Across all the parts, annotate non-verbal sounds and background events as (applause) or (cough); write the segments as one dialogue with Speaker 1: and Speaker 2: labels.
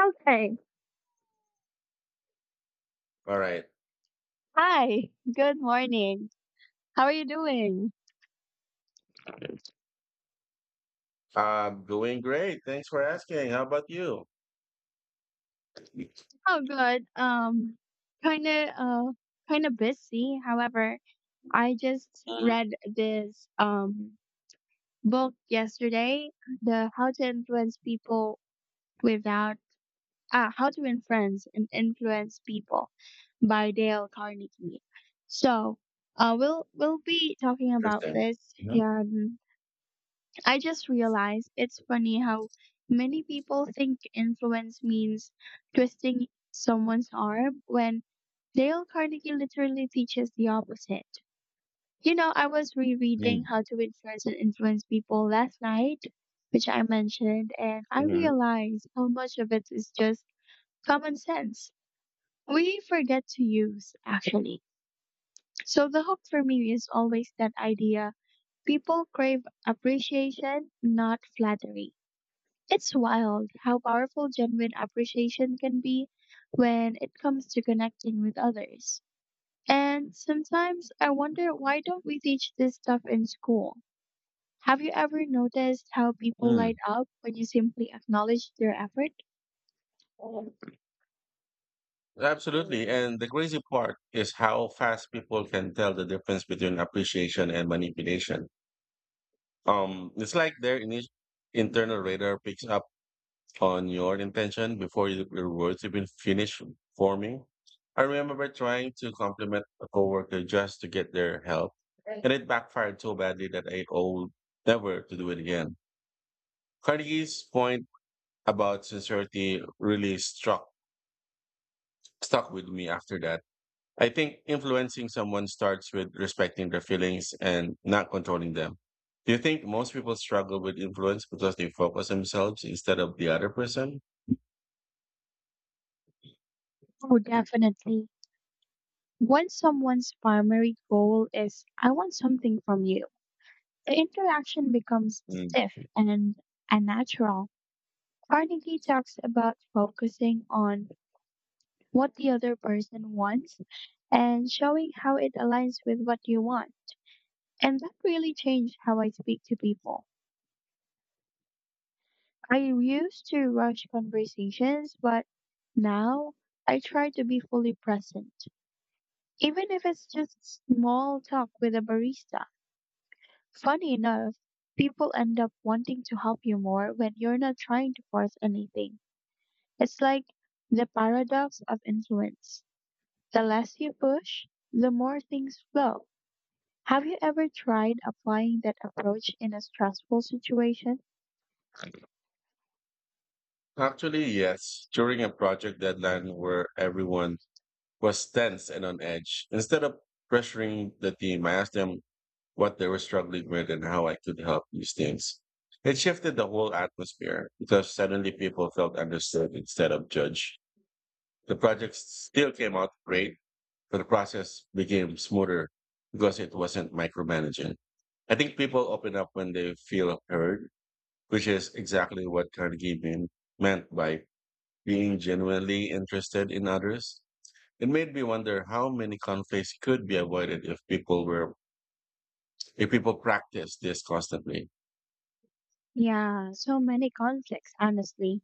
Speaker 1: Okay.
Speaker 2: All right.
Speaker 1: Hi. Good morning. How are you doing?
Speaker 2: I'm doing great. Thanks for asking. How about you?
Speaker 1: Oh, good. Kind of, uh, kind of busy. However, I just
Speaker 2: Mhm.
Speaker 1: read this book yesterday, the How to Influence People Without How to Influence and Influence People by Dale Carnegie. So, we'll be talking about
Speaker 2: Interesting.
Speaker 1: this,
Speaker 2: Mhm.
Speaker 1: and I just realized it's funny how many people think influence means twisting someone's arm when Dale Carnegie literally teaches the opposite. You know, I was rereading
Speaker 2: Mm,
Speaker 1: How to Influence and Influence People last night, which I mentioned, and I
Speaker 2: mhm,
Speaker 1: realized how much of it is just common sense. We forget to use, actually. So the hook for me is always that idea people crave appreciation, not flattery. It's wild how powerful genuine appreciation can be when it comes to connecting with others. And sometimes I wonder, why don't we teach this stuff in school? Have you ever noticed how people
Speaker 2: mm.
Speaker 1: light up when you simply acknowledge their effort?
Speaker 2: Absolutely. And the crazy part is how fast people can tell the difference between appreciation and manipulation. It's like their ini internal radar picks up on your intention before your words even finish forming. I remember trying to compliment a coworker just to get their help, and it backfired so badly that I owe never to do it again. Carnegie's point about sincerity really struck stuck with me after that. I think influencing someone starts with respecting their feelings and not controlling them. Do you think most people struggle with influence because they focus themselves instead of the other person?
Speaker 1: Oh, definitely. When someone's primary goal is, I want something from you, the interaction becomes
Speaker 2: Mm.
Speaker 1: stiff and unnatural. Carnegie talks about focusing on what the other person wants and showing how it aligns with what you want. And that really changed how I speak to people. I used to rush conversations, but now I try to be fully present, even if it's just small talk with a barista. Funny enough, people end up wanting to help you more when you're not trying to force anything. It's like the paradox of influence. The less you push, the more things flow. Have you ever tried applying that approach in a stressful situation?
Speaker 2: Actually, yes, during a project deadline where everyone was tense and on edge, instead of pressuring the team, I asked them what they were struggling with and how I could help these things. It shifted the whole atmosphere because suddenly people felt understood instead of judged. The project still came out great, but the process became smoother because it wasn't micromanaging. I think people open up when they feel heard, which is exactly what Carnegie meant by being genuinely interested in others. It made me wonder how many conflicts could be avoided if people practice this constantly.
Speaker 1: Yeah, so many conflicts, honestly.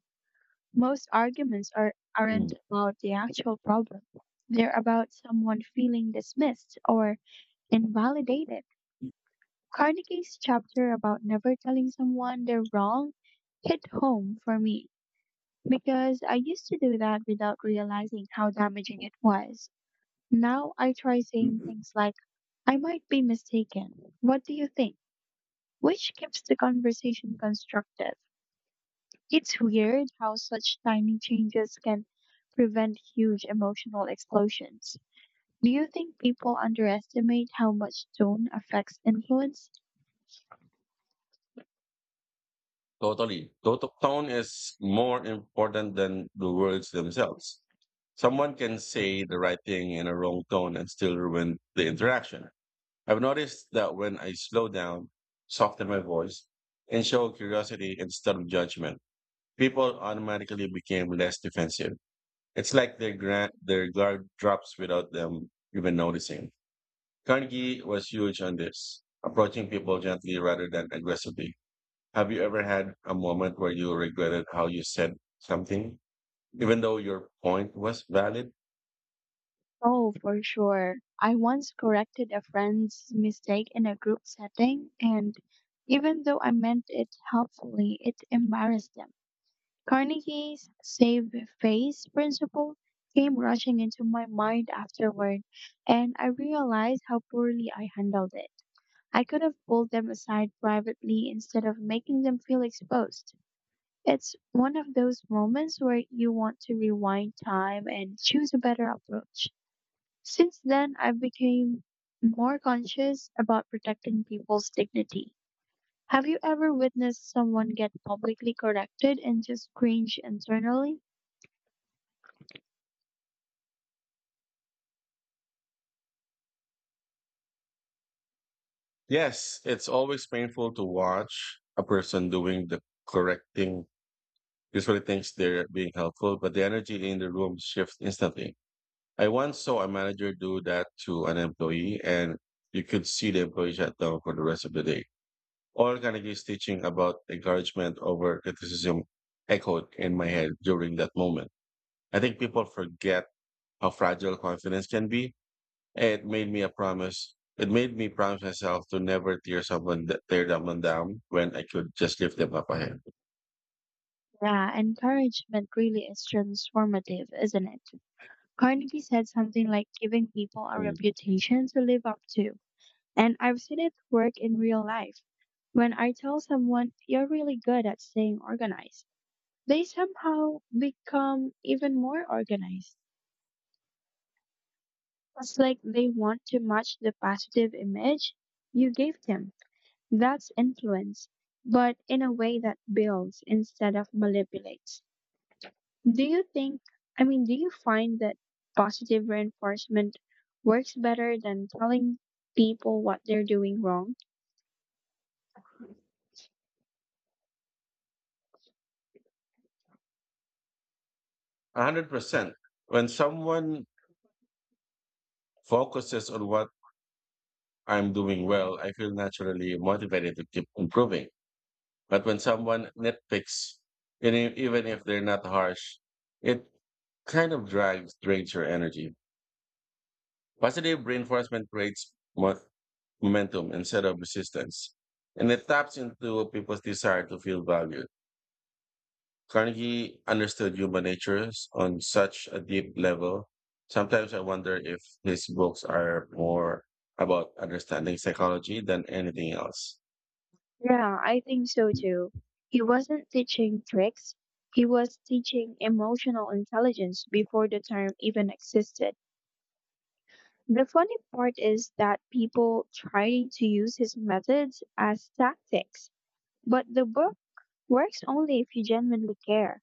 Speaker 1: Most arguments are,
Speaker 2: Mm.
Speaker 1: aren't about the actual problem, they're about someone feeling dismissed or invalidated. Carnegie's chapter about never telling someone they're wrong hit home for me because I used to do that without realizing how damaging it was. Now I try saying things like, I might be mistaken. What do you think? Which keeps the conversation constructive. It's weird how such tiny changes can prevent huge emotional explosions. Do you think people underestimate how much tone affects influence?
Speaker 2: Totally. Tone is more important than the words themselves. Someone can say the right thing in a wrong tone and still ruin the interaction. I've noticed that when I slow down, soften my voice, and show curiosity instead of judgment, people automatically became less defensive. It's like their guard drops without them even noticing. Carnegie was huge on this, approaching people gently rather than aggressively. Have you ever had a moment where you regretted how you said something, even though your point was valid?
Speaker 1: Oh, for sure. I once corrected a friend's mistake in a group setting, and even though I meant it helpfully, it embarrassed them. Carnegie's save face principle came rushing into my mind afterward, and I realized how poorly I handled it. I could have pulled them aside privately instead of making them feel exposed. It's one of those moments where you want to rewind time and choose a better approach. Since then, I've become more conscious about protecting people's dignity. Have you ever witnessed someone get publicly corrected and just cringe internally?
Speaker 2: Yes, it's always painful to watch a person doing the correct thing. Usually thinks they're being helpful, but the energy in the room shifts instantly. I once saw a manager do that to an employee, and you could see the employee shut down for the rest of the day. All Carnegie's teaching about encouragement over criticism echoed in my head during that moment. I think people forget how fragile confidence can be. It made me a promise. It made me promise myself to never tear someone down when I could just lift them up a hand.
Speaker 1: Yeah, encouragement really is transformative, isn't it? Carnegie said something like giving people a
Speaker 2: Mm.
Speaker 1: reputation to live up to. And I've seen it work in real life. When I tell someone you're really good at staying organized, they somehow become even more organized. It's like they want to match the positive image you gave them. That's influence, but in a way that builds instead of manipulates. Do you think, I mean, do you find that positive reinforcement works better than telling people what they're doing wrong?
Speaker 2: 100%. When someone focuses on what I'm doing well, I feel naturally motivated to keep improving. But when someone nitpicks, and even if they're not harsh, it kind of drags drains your energy. Positive reinforcement creates momentum instead of resistance, and it taps into people's desire to feel valued. Carnegie understood human natures on such a deep level. Sometimes I wonder if his books are more about understanding psychology than anything else.
Speaker 1: Yeah, I think so too. He wasn't teaching tricks, he was teaching emotional intelligence before the term even existed. The funny part is that people try to use his methods as tactics, but the book works only if you genuinely care.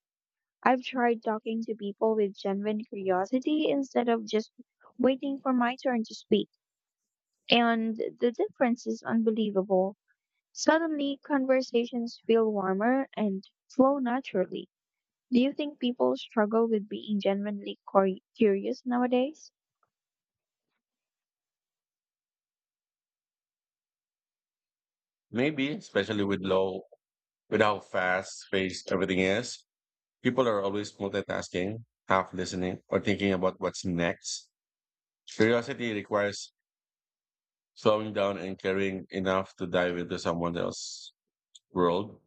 Speaker 1: I've tried talking to people with genuine curiosity instead of just waiting for my turn to speak, and the difference is unbelievable. Suddenly, conversations feel warmer and flow naturally. Do you think people struggle with being genuinely curious nowadays?
Speaker 2: Maybe, especially with how fast paced everything is, people are always multitasking, half listening, or thinking about what's next. Curiosity requires slowing down and caring enough to dive into someone else's world.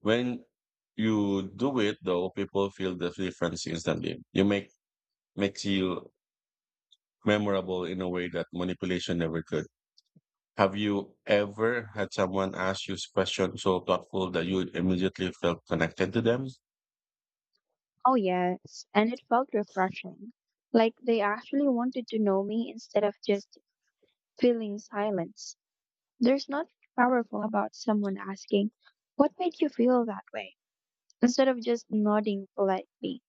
Speaker 2: When you do it, though, people feel the difference instantly. You make Makes you memorable in a way that manipulation never could. Have you ever had someone ask you a question so thoughtful that you immediately felt connected to them?
Speaker 1: Oh, yes, and it felt refreshing. Like they actually wanted to know me instead of just feeling silence. There's nothing powerful about someone asking, what made you feel that way, instead of just nodding politely.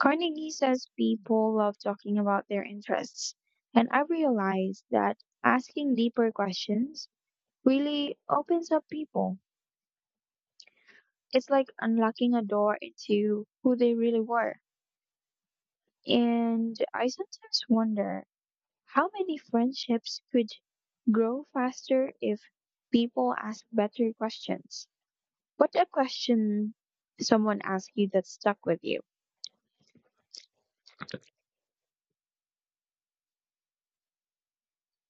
Speaker 1: Carnegie says people love talking about their interests, and I realized that asking deeper questions really opens up people. It's like unlocking a door into who they really were. And I sometimes wonder how many friendships could grow faster if people ask better questions. What a question someone asked you that stuck with you?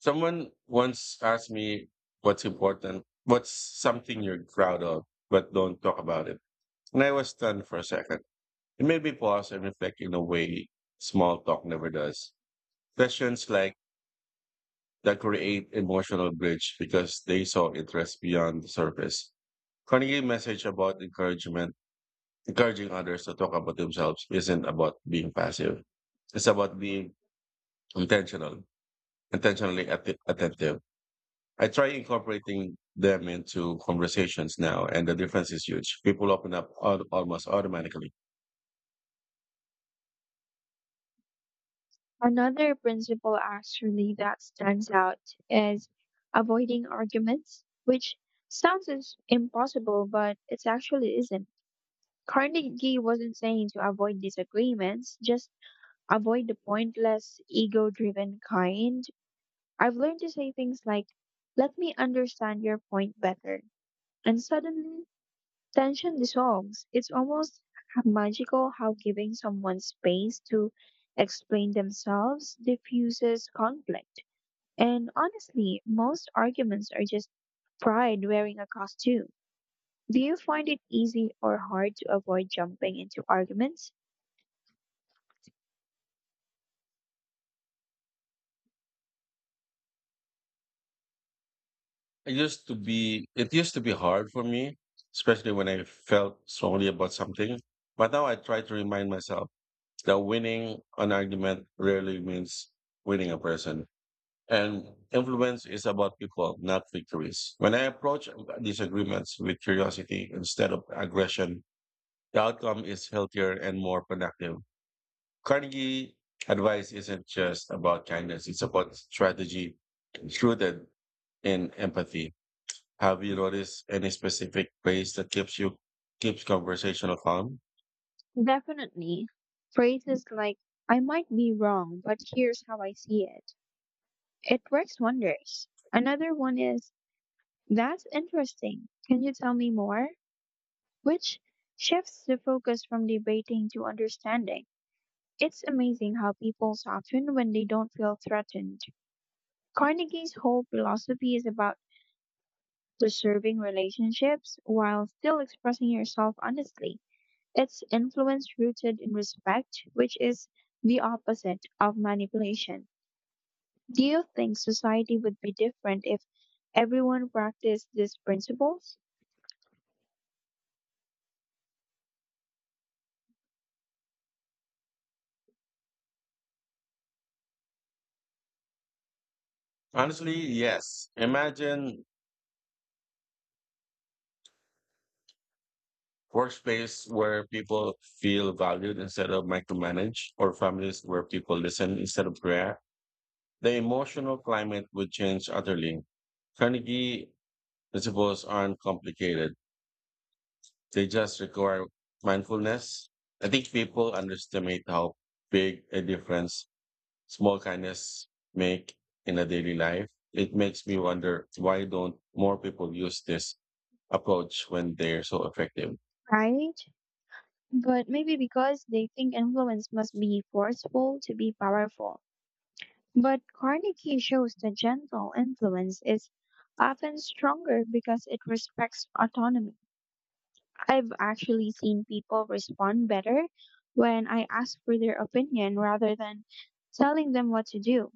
Speaker 2: Someone once asked me what's important, what's something you're proud of, but don't talk about it. And I was stunned for a second. It made me pause and reflect in a way small talk never does. Questions like that create emotional bridge because they saw interest beyond the surface. Carnegie message about encouragement Encouraging others to talk about themselves isn't about being passive. It's about being intentional, attentive. I try incorporating them into conversations now, and the difference is huge. People open up almost automatically.
Speaker 1: Another principle actually that stands out is avoiding arguments, which sounds is impossible, but it actually isn't. Carnegie wasn't saying to avoid disagreements, just avoid the pointless, ego driven kind. I've learned to say things like, let me understand your point better. And suddenly, tension dissolves. It's almost magical how giving someone space to explain themselves diffuses conflict. And honestly, most arguments are just pride wearing a costume. Do you find it easy or hard to avoid jumping into arguments?
Speaker 2: It used to be hard for me, especially when I felt strongly about something. But now I try to remind myself that winning an argument rarely means winning a person. And influence is about people, not victories. When I approach disagreements with curiosity instead of aggression, the outcome is healthier and more productive. Carnegie advice isn't just about kindness, it's about strategy rooted in empathy. Have you noticed any specific ways that keeps conversational calm?
Speaker 1: Definitely. Phrases like, I might be wrong, but here's how I see it. It works wonders. Another one is, that's interesting. Can you tell me more? Which shifts the focus from debating to understanding. It's amazing how people soften when they don't feel threatened. Carnegie's whole philosophy is about preserving relationships while still expressing yourself honestly. It's influence rooted in respect, which is the opposite of manipulation. Do you think society would be different if everyone practiced these principles?
Speaker 2: Honestly, yes. Imagine workspace where people feel valued instead of micromanaged, or families where people listen instead of react, the emotional climate would change utterly. Carnegie principles aren't complicated. They just require mindfulness. I think people underestimate how big a difference small kindness make in a daily life. It makes me wonder why don't more people use this approach when they're so effective?
Speaker 1: Right? But maybe because they think influence must be forceful to be powerful. But Carnegie shows that gentle influence is often stronger because it respects autonomy. I've actually seen people respond better when I ask for their opinion rather than telling them what to do.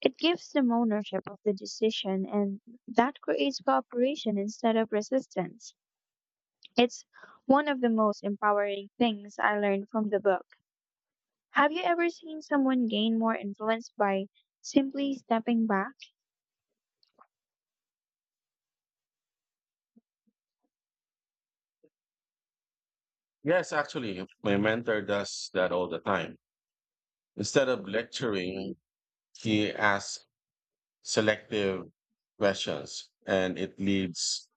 Speaker 1: It gives them ownership of the decision, and that creates cooperation instead of resistance. It's one of the most empowering things I learned from the book. Have you ever seen someone gain more influence by simply stepping back?
Speaker 2: Yes, actually, my mentor does that all the time. Instead of lecturing, he asks selective questions and it leads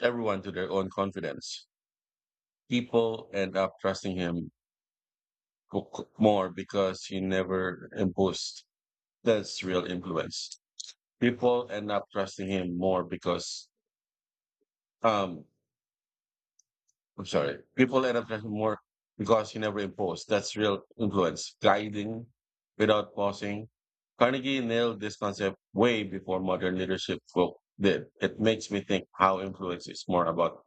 Speaker 2: everyone to their own confidence. People end up trusting him more because he never imposed. That's real influence. People end up trusting him more because um, I'm sorry. People end up trusting more because he never imposed. That's real influence, guiding without pausing. Carnegie nailed this concept way before modern leadership folk did. It makes me think how influence is more about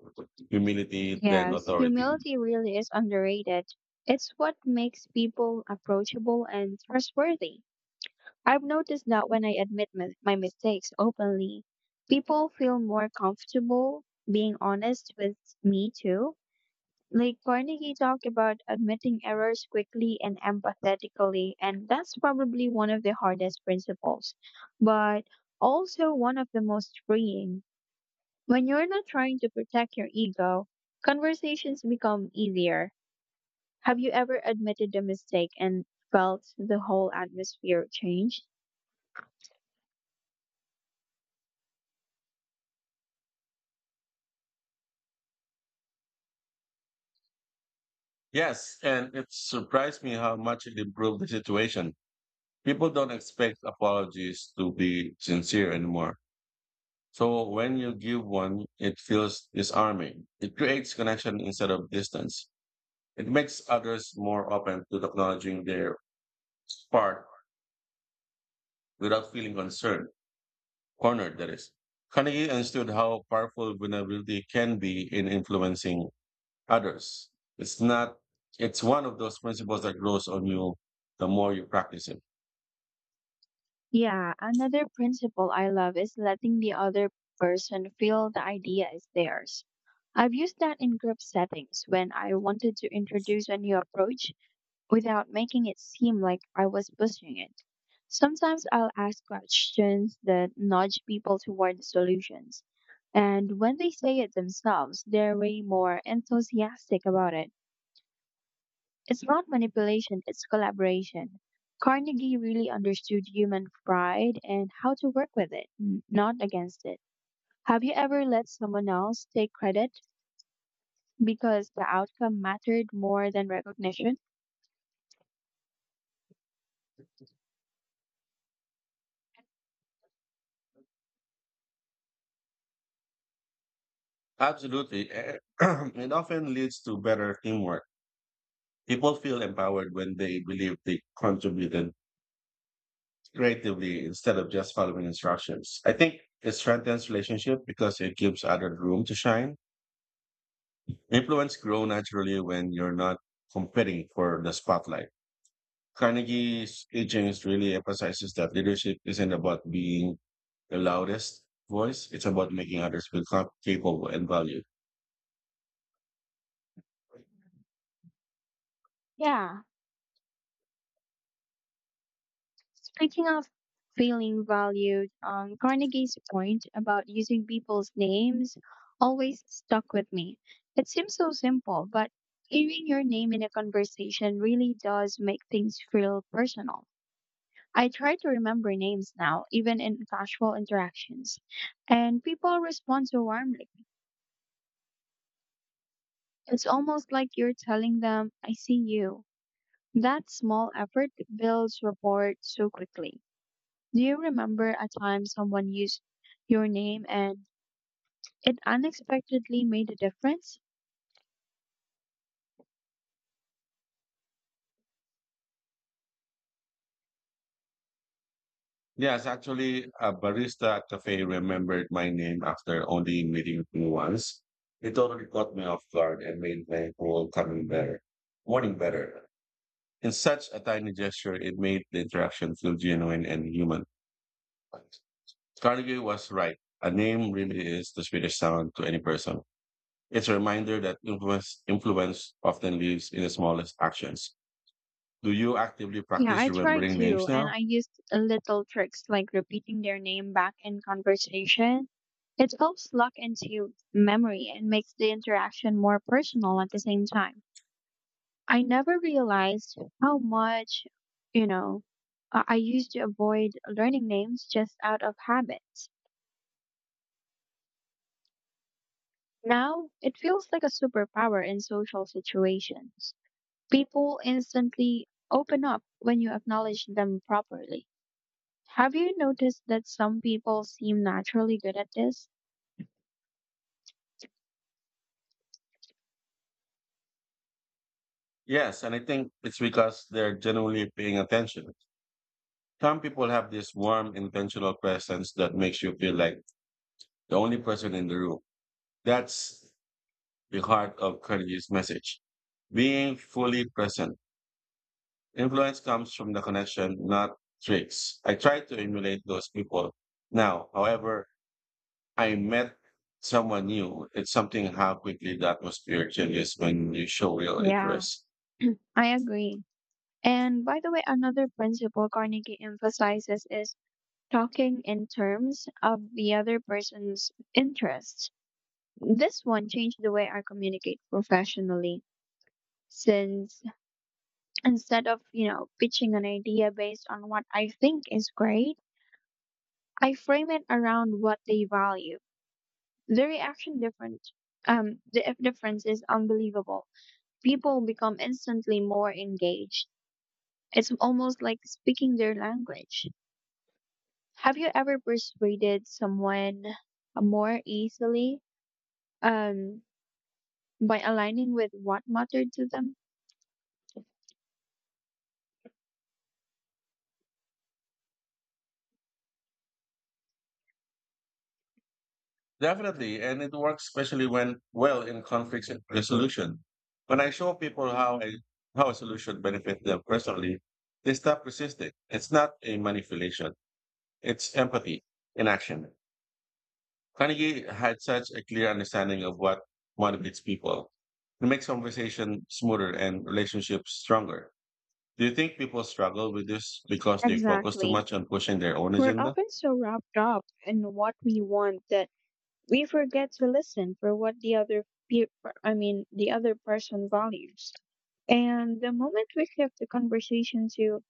Speaker 2: humility than
Speaker 1: Yes,
Speaker 2: authority.
Speaker 1: humility really is underrated. It's what makes people approachable and trustworthy. I've noticed that when I admit my mistakes openly, people feel more comfortable being honest with me too. Like Carnegie talked about admitting errors quickly and empathetically, and that's probably one of the hardest principles, but also one of the most freeing. When you're not trying to protect your ego, conversations become easier. Have you ever admitted a mistake and felt the whole atmosphere change?
Speaker 2: Yes, and it surprised me how much it improved the situation. People don't expect apologies to be sincere anymore. So when you give one, it feels disarming. It creates connection instead of distance. It makes others more open to acknowledging their part without feeling cornered, that is. Carnegie understood how powerful vulnerability can be in influencing others. It's not, It's one of those principles that grows on you the more you practice it.
Speaker 1: Yeah, another principle I love is letting the other person feel the idea is theirs. I've used that in group settings when I wanted to introduce a new approach without making it seem like I was pushing it. Sometimes I'll ask questions that nudge people toward solutions. And when they say it themselves, they're way more enthusiastic about it. It's not manipulation, it's collaboration. Carnegie really understood human pride and how to work with it, not against it. Have you ever let someone else take credit because the outcome mattered more than recognition?
Speaker 2: Absolutely. (clears throat) It often leads to better teamwork. People feel empowered when they believe they contributed creatively instead of just following instructions. I think it strengthens relationship because it gives others room to shine. Influence grow naturally when you're not competing for the spotlight. Carnegie's teachings really emphasizes that leadership isn't about being the loudest voice. It's about making others feel capable and valued.
Speaker 1: Yeah. Speaking of feeling valued, Carnegie's point about using people's names always stuck with me. It seems so simple, but hearing your name in a conversation really does make things feel personal. I try to remember names now, even in casual interactions. And people respond so warmly. It's almost like you're telling them, I see you. That small effort builds rapport so quickly. Do you remember a time someone used your name and it unexpectedly made a difference?
Speaker 2: Yes, actually, a barista at cafe remembered my name after only meeting me once. It totally caught me off guard and made my whole morning better. In such a tiny gesture, it made the interaction feel genuine and human. Carnegie was right. A name really is the sweetest sound to any person. It's a reminder that influence often lives in the smallest actions. Do you actively
Speaker 1: Yeah,
Speaker 2: practice
Speaker 1: I try
Speaker 2: remembering names
Speaker 1: to, and
Speaker 2: now?
Speaker 1: I used little tricks like repeating their name back in conversation. It helps lock into memory and makes the interaction more personal at the same time. I never realized how much, you know, I used to avoid learning names just out of habit. Now it feels like a superpower in social situations. People instantly open up when you acknowledge them properly. Have you noticed that some people seem naturally good at this?
Speaker 2: Yes, and I think it's because they're genuinely paying attention. Some people have this warm, intentional presence that makes you feel like the only person in the room. That's the heart of Carnegie's message. Being fully present. Influence comes from the connection, not tricks. I try to emulate those people now. However, I met someone new. It's something how quickly the atmosphere changes when you show real
Speaker 1: Yeah,
Speaker 2: interest.
Speaker 1: I agree. And by the way, another principle Carnegie emphasizes is talking in terms of the other person's interests. This one changed the way I communicate professionally since instead of, you know, pitching an idea based on what I think is great, I frame it around what they value. The reaction different the difference is unbelievable. People become instantly more engaged. It's almost like speaking their language. Have you ever persuaded someone more easily um, by aligning with what mattered to them?
Speaker 2: Definitely, and it works especially when well in conflict resolution. When I show people how a solution benefits them personally, they stop resisting. It's not a manipulation; it's empathy in action. Carnegie had such a clear understanding of what motivates people. It makes conversation smoother and relationships stronger. Do you think people struggle with this because they focus too
Speaker 1: Exactly.
Speaker 2: much on pushing their own
Speaker 1: We're
Speaker 2: agenda?
Speaker 1: often so wrapped up in what we want that we forget to listen for what the pe- I mean the other person values. And the moment we shift the conversation to,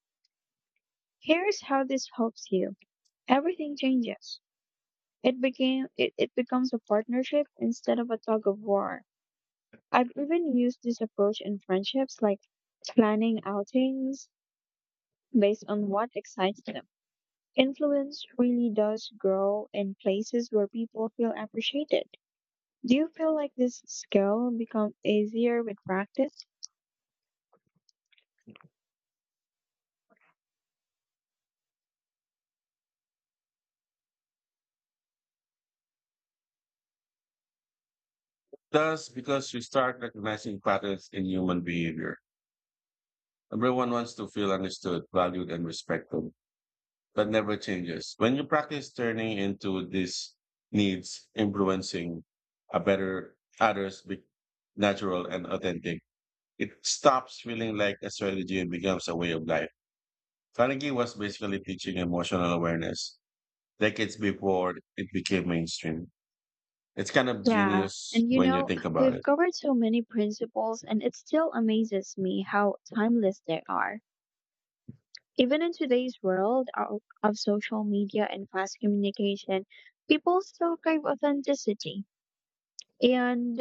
Speaker 1: here's how this helps you, everything changes. It becomes a partnership instead of a tug of war. I've even used this approach in friendships, like planning outings based on what excites them. Influence really does grow in places where people feel appreciated. Do you feel like this skill becomes easier with practice?
Speaker 2: Thus, because you start recognizing patterns in human behavior. Everyone wants to feel understood, valued, and respected. That never changes. When you practice turning into these needs, influencing a better others be natural and authentic. It stops feeling like a strategy and becomes a way of life. Carnegie was basically teaching emotional awareness decades before it became mainstream. It's kind of
Speaker 1: Yeah.
Speaker 2: genius
Speaker 1: And you
Speaker 2: when you
Speaker 1: know,
Speaker 2: think about
Speaker 1: we've
Speaker 2: it.
Speaker 1: covered so many principles and it still amazes me how timeless they are. Even in today's world of social media and fast communication, people still crave authenticity. And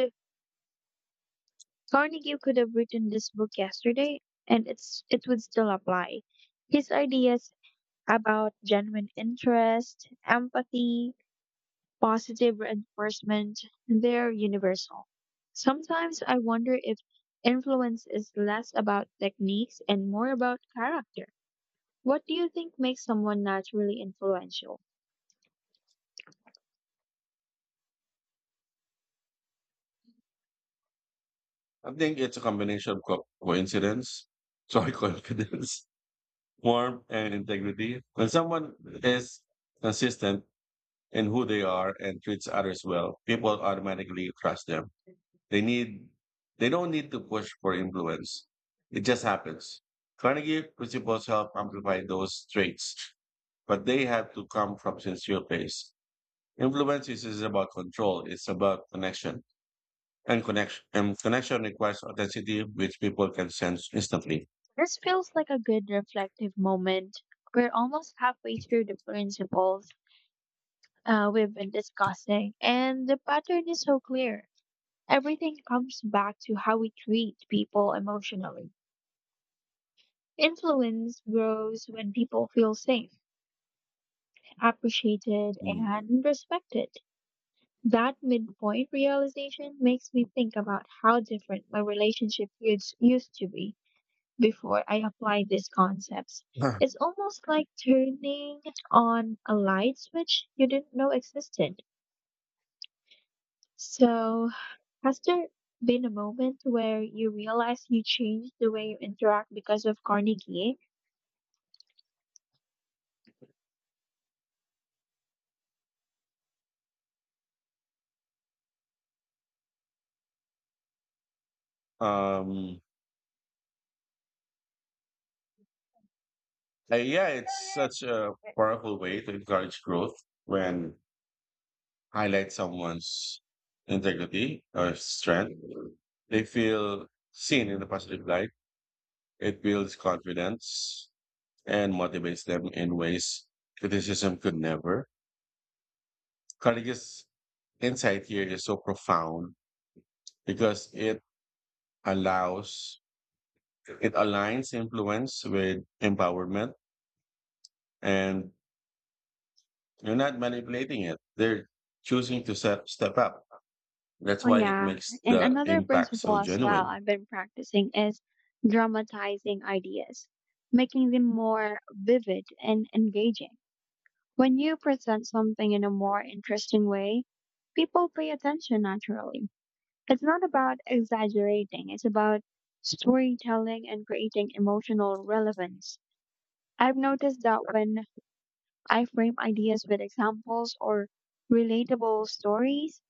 Speaker 1: Carnegie could have written this book yesterday and it would still apply. His ideas about genuine interest, empathy, positive reinforcement, they're universal. Sometimes I wonder if influence is less about techniques and more about character. What do you think makes someone naturally influential?
Speaker 2: I think it's a combination of coincidence, (laughs) sorry, confidence, warmth and integrity. When someone is consistent in who they are and treats others well, people automatically trust them. They need they don't need to push for influence. It just happens. Carnegie principles help amplify those traits, but they have to come from sincere place. Is about control. It's about connection. And connection requires authenticity, which people can sense instantly.
Speaker 1: This feels like a good reflective moment. We're almost halfway through the principles we've been discussing, and the pattern is so clear. Everything comes back to how we treat people emotionally. Influence grows when people feel safe, appreciated,
Speaker 2: Mm.
Speaker 1: and respected. That midpoint realization makes me think about how different my relationship used to be before I apply these concepts. It's almost like turning on a light switch you didn't know existed. So, has there been a moment where you realize you changed the way you interact because of Carnegie?
Speaker 2: (laughs) Um, yeah, it's such a powerful way to encourage growth when highlight someone's integrity or strength. They feel seen in a positive light. It builds confidence and motivates them in ways criticism could never. Courageous insight here is so profound because allows, it aligns influence with empowerment and you're not manipulating it. They're choosing to step up. That's
Speaker 1: Oh,
Speaker 2: why it
Speaker 1: yeah.
Speaker 2: makes
Speaker 1: And
Speaker 2: the
Speaker 1: another
Speaker 2: impact
Speaker 1: principle
Speaker 2: so
Speaker 1: as well
Speaker 2: genuine.
Speaker 1: I've been practicing is dramatizing ideas, making them more vivid and engaging. When you present something in a more interesting way, people pay attention naturally. It's not about exaggerating, it's about storytelling and creating emotional relevance. I've noticed that when I frame ideas with examples or relatable stories,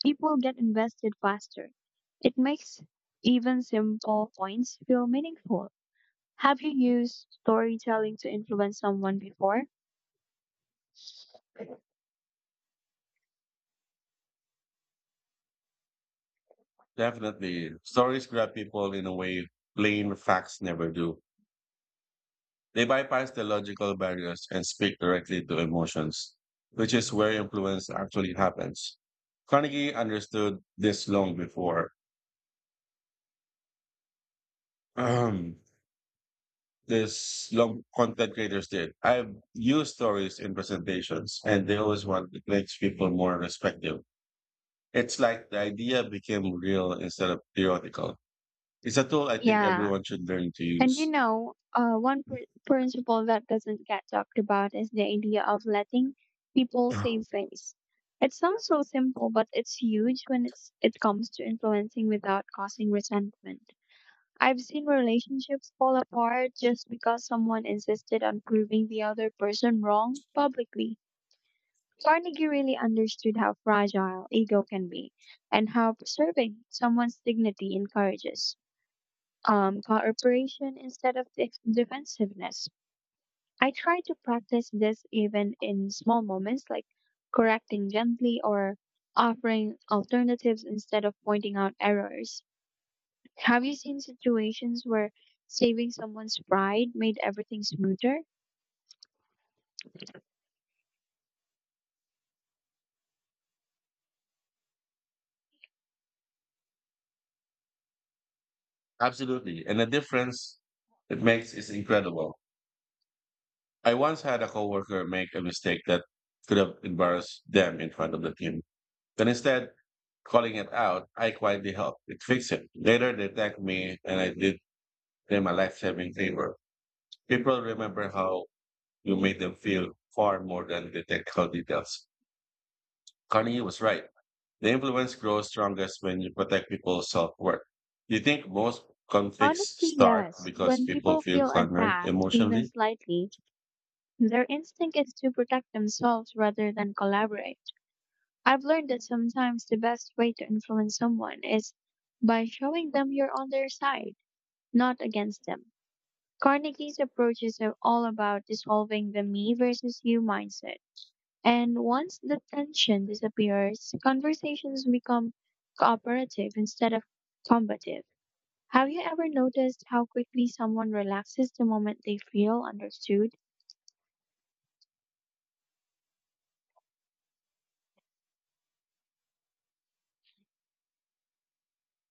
Speaker 1: people get invested faster. It makes even simple points feel meaningful. Have you used storytelling to influence someone before?
Speaker 2: Definitely, stories grab people in a way plain facts never do. They bypass the logical barriers and speak directly to emotions, which is where influence actually happens. Carnegie understood this long before um, this long content creators did. I've used stories in presentations, and they always want it makes people more respectful. It's like the idea became real instead of theoretical. It's a tool I think
Speaker 1: Yeah.
Speaker 2: everyone should learn to
Speaker 1: And you
Speaker 2: use.
Speaker 1: know, one principle that doesn't get talked about is the idea of letting people save
Speaker 2: (laughs)
Speaker 1: face. It sounds so simple, but it's huge when it comes to influencing without causing resentment. I've seen relationships fall apart just because someone insisted on proving the other person wrong publicly. Carnegie really understood how fragile ego can be and how preserving someone's dignity encourages cooperation instead of defensiveness. I try to practice this even in small moments, like correcting gently or offering alternatives instead of pointing out errors. Have you seen situations where saving someone's pride made everything smoother?
Speaker 2: Absolutely. And the difference it makes is incredible. I once had a coworker make a mistake that could have embarrassed them in front of the team. But instead, calling it out, I quietly helped. It fix it. Later, they thanked me and I did them a life saving favor. People remember how you made them feel far more than the technical details. Carnegie was right. The influence grows strongest when you protect people's self worth. You think most conflicts
Speaker 1: Honestly,
Speaker 2: start
Speaker 1: yes.
Speaker 2: because
Speaker 1: When
Speaker 2: people
Speaker 1: people
Speaker 2: feel
Speaker 1: feel
Speaker 2: cornered
Speaker 1: attacked, even
Speaker 2: emotionally?
Speaker 1: slightly, their instinct is to protect themselves rather than collaborate. I've learned that sometimes the best way to influence someone is by showing them you're on their side, not against them. Carnegie's approaches are all about dissolving the me versus you mindset. And once the tension disappears, conversations become cooperative instead of combative. Have you ever noticed how quickly someone relaxes the moment they feel understood?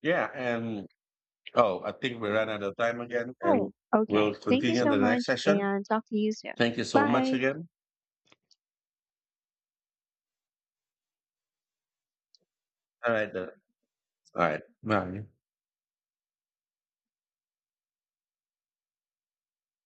Speaker 2: Yeah, and oh, I think we ran out of time again, and
Speaker 1: Oh,
Speaker 2: we'll
Speaker 1: okay. Thank you
Speaker 2: continue in
Speaker 1: so
Speaker 2: the next
Speaker 1: much
Speaker 2: session.
Speaker 1: and talk to you soon.
Speaker 2: Thank you so much
Speaker 1: Bye.
Speaker 2: again. All right, then. All right, bye.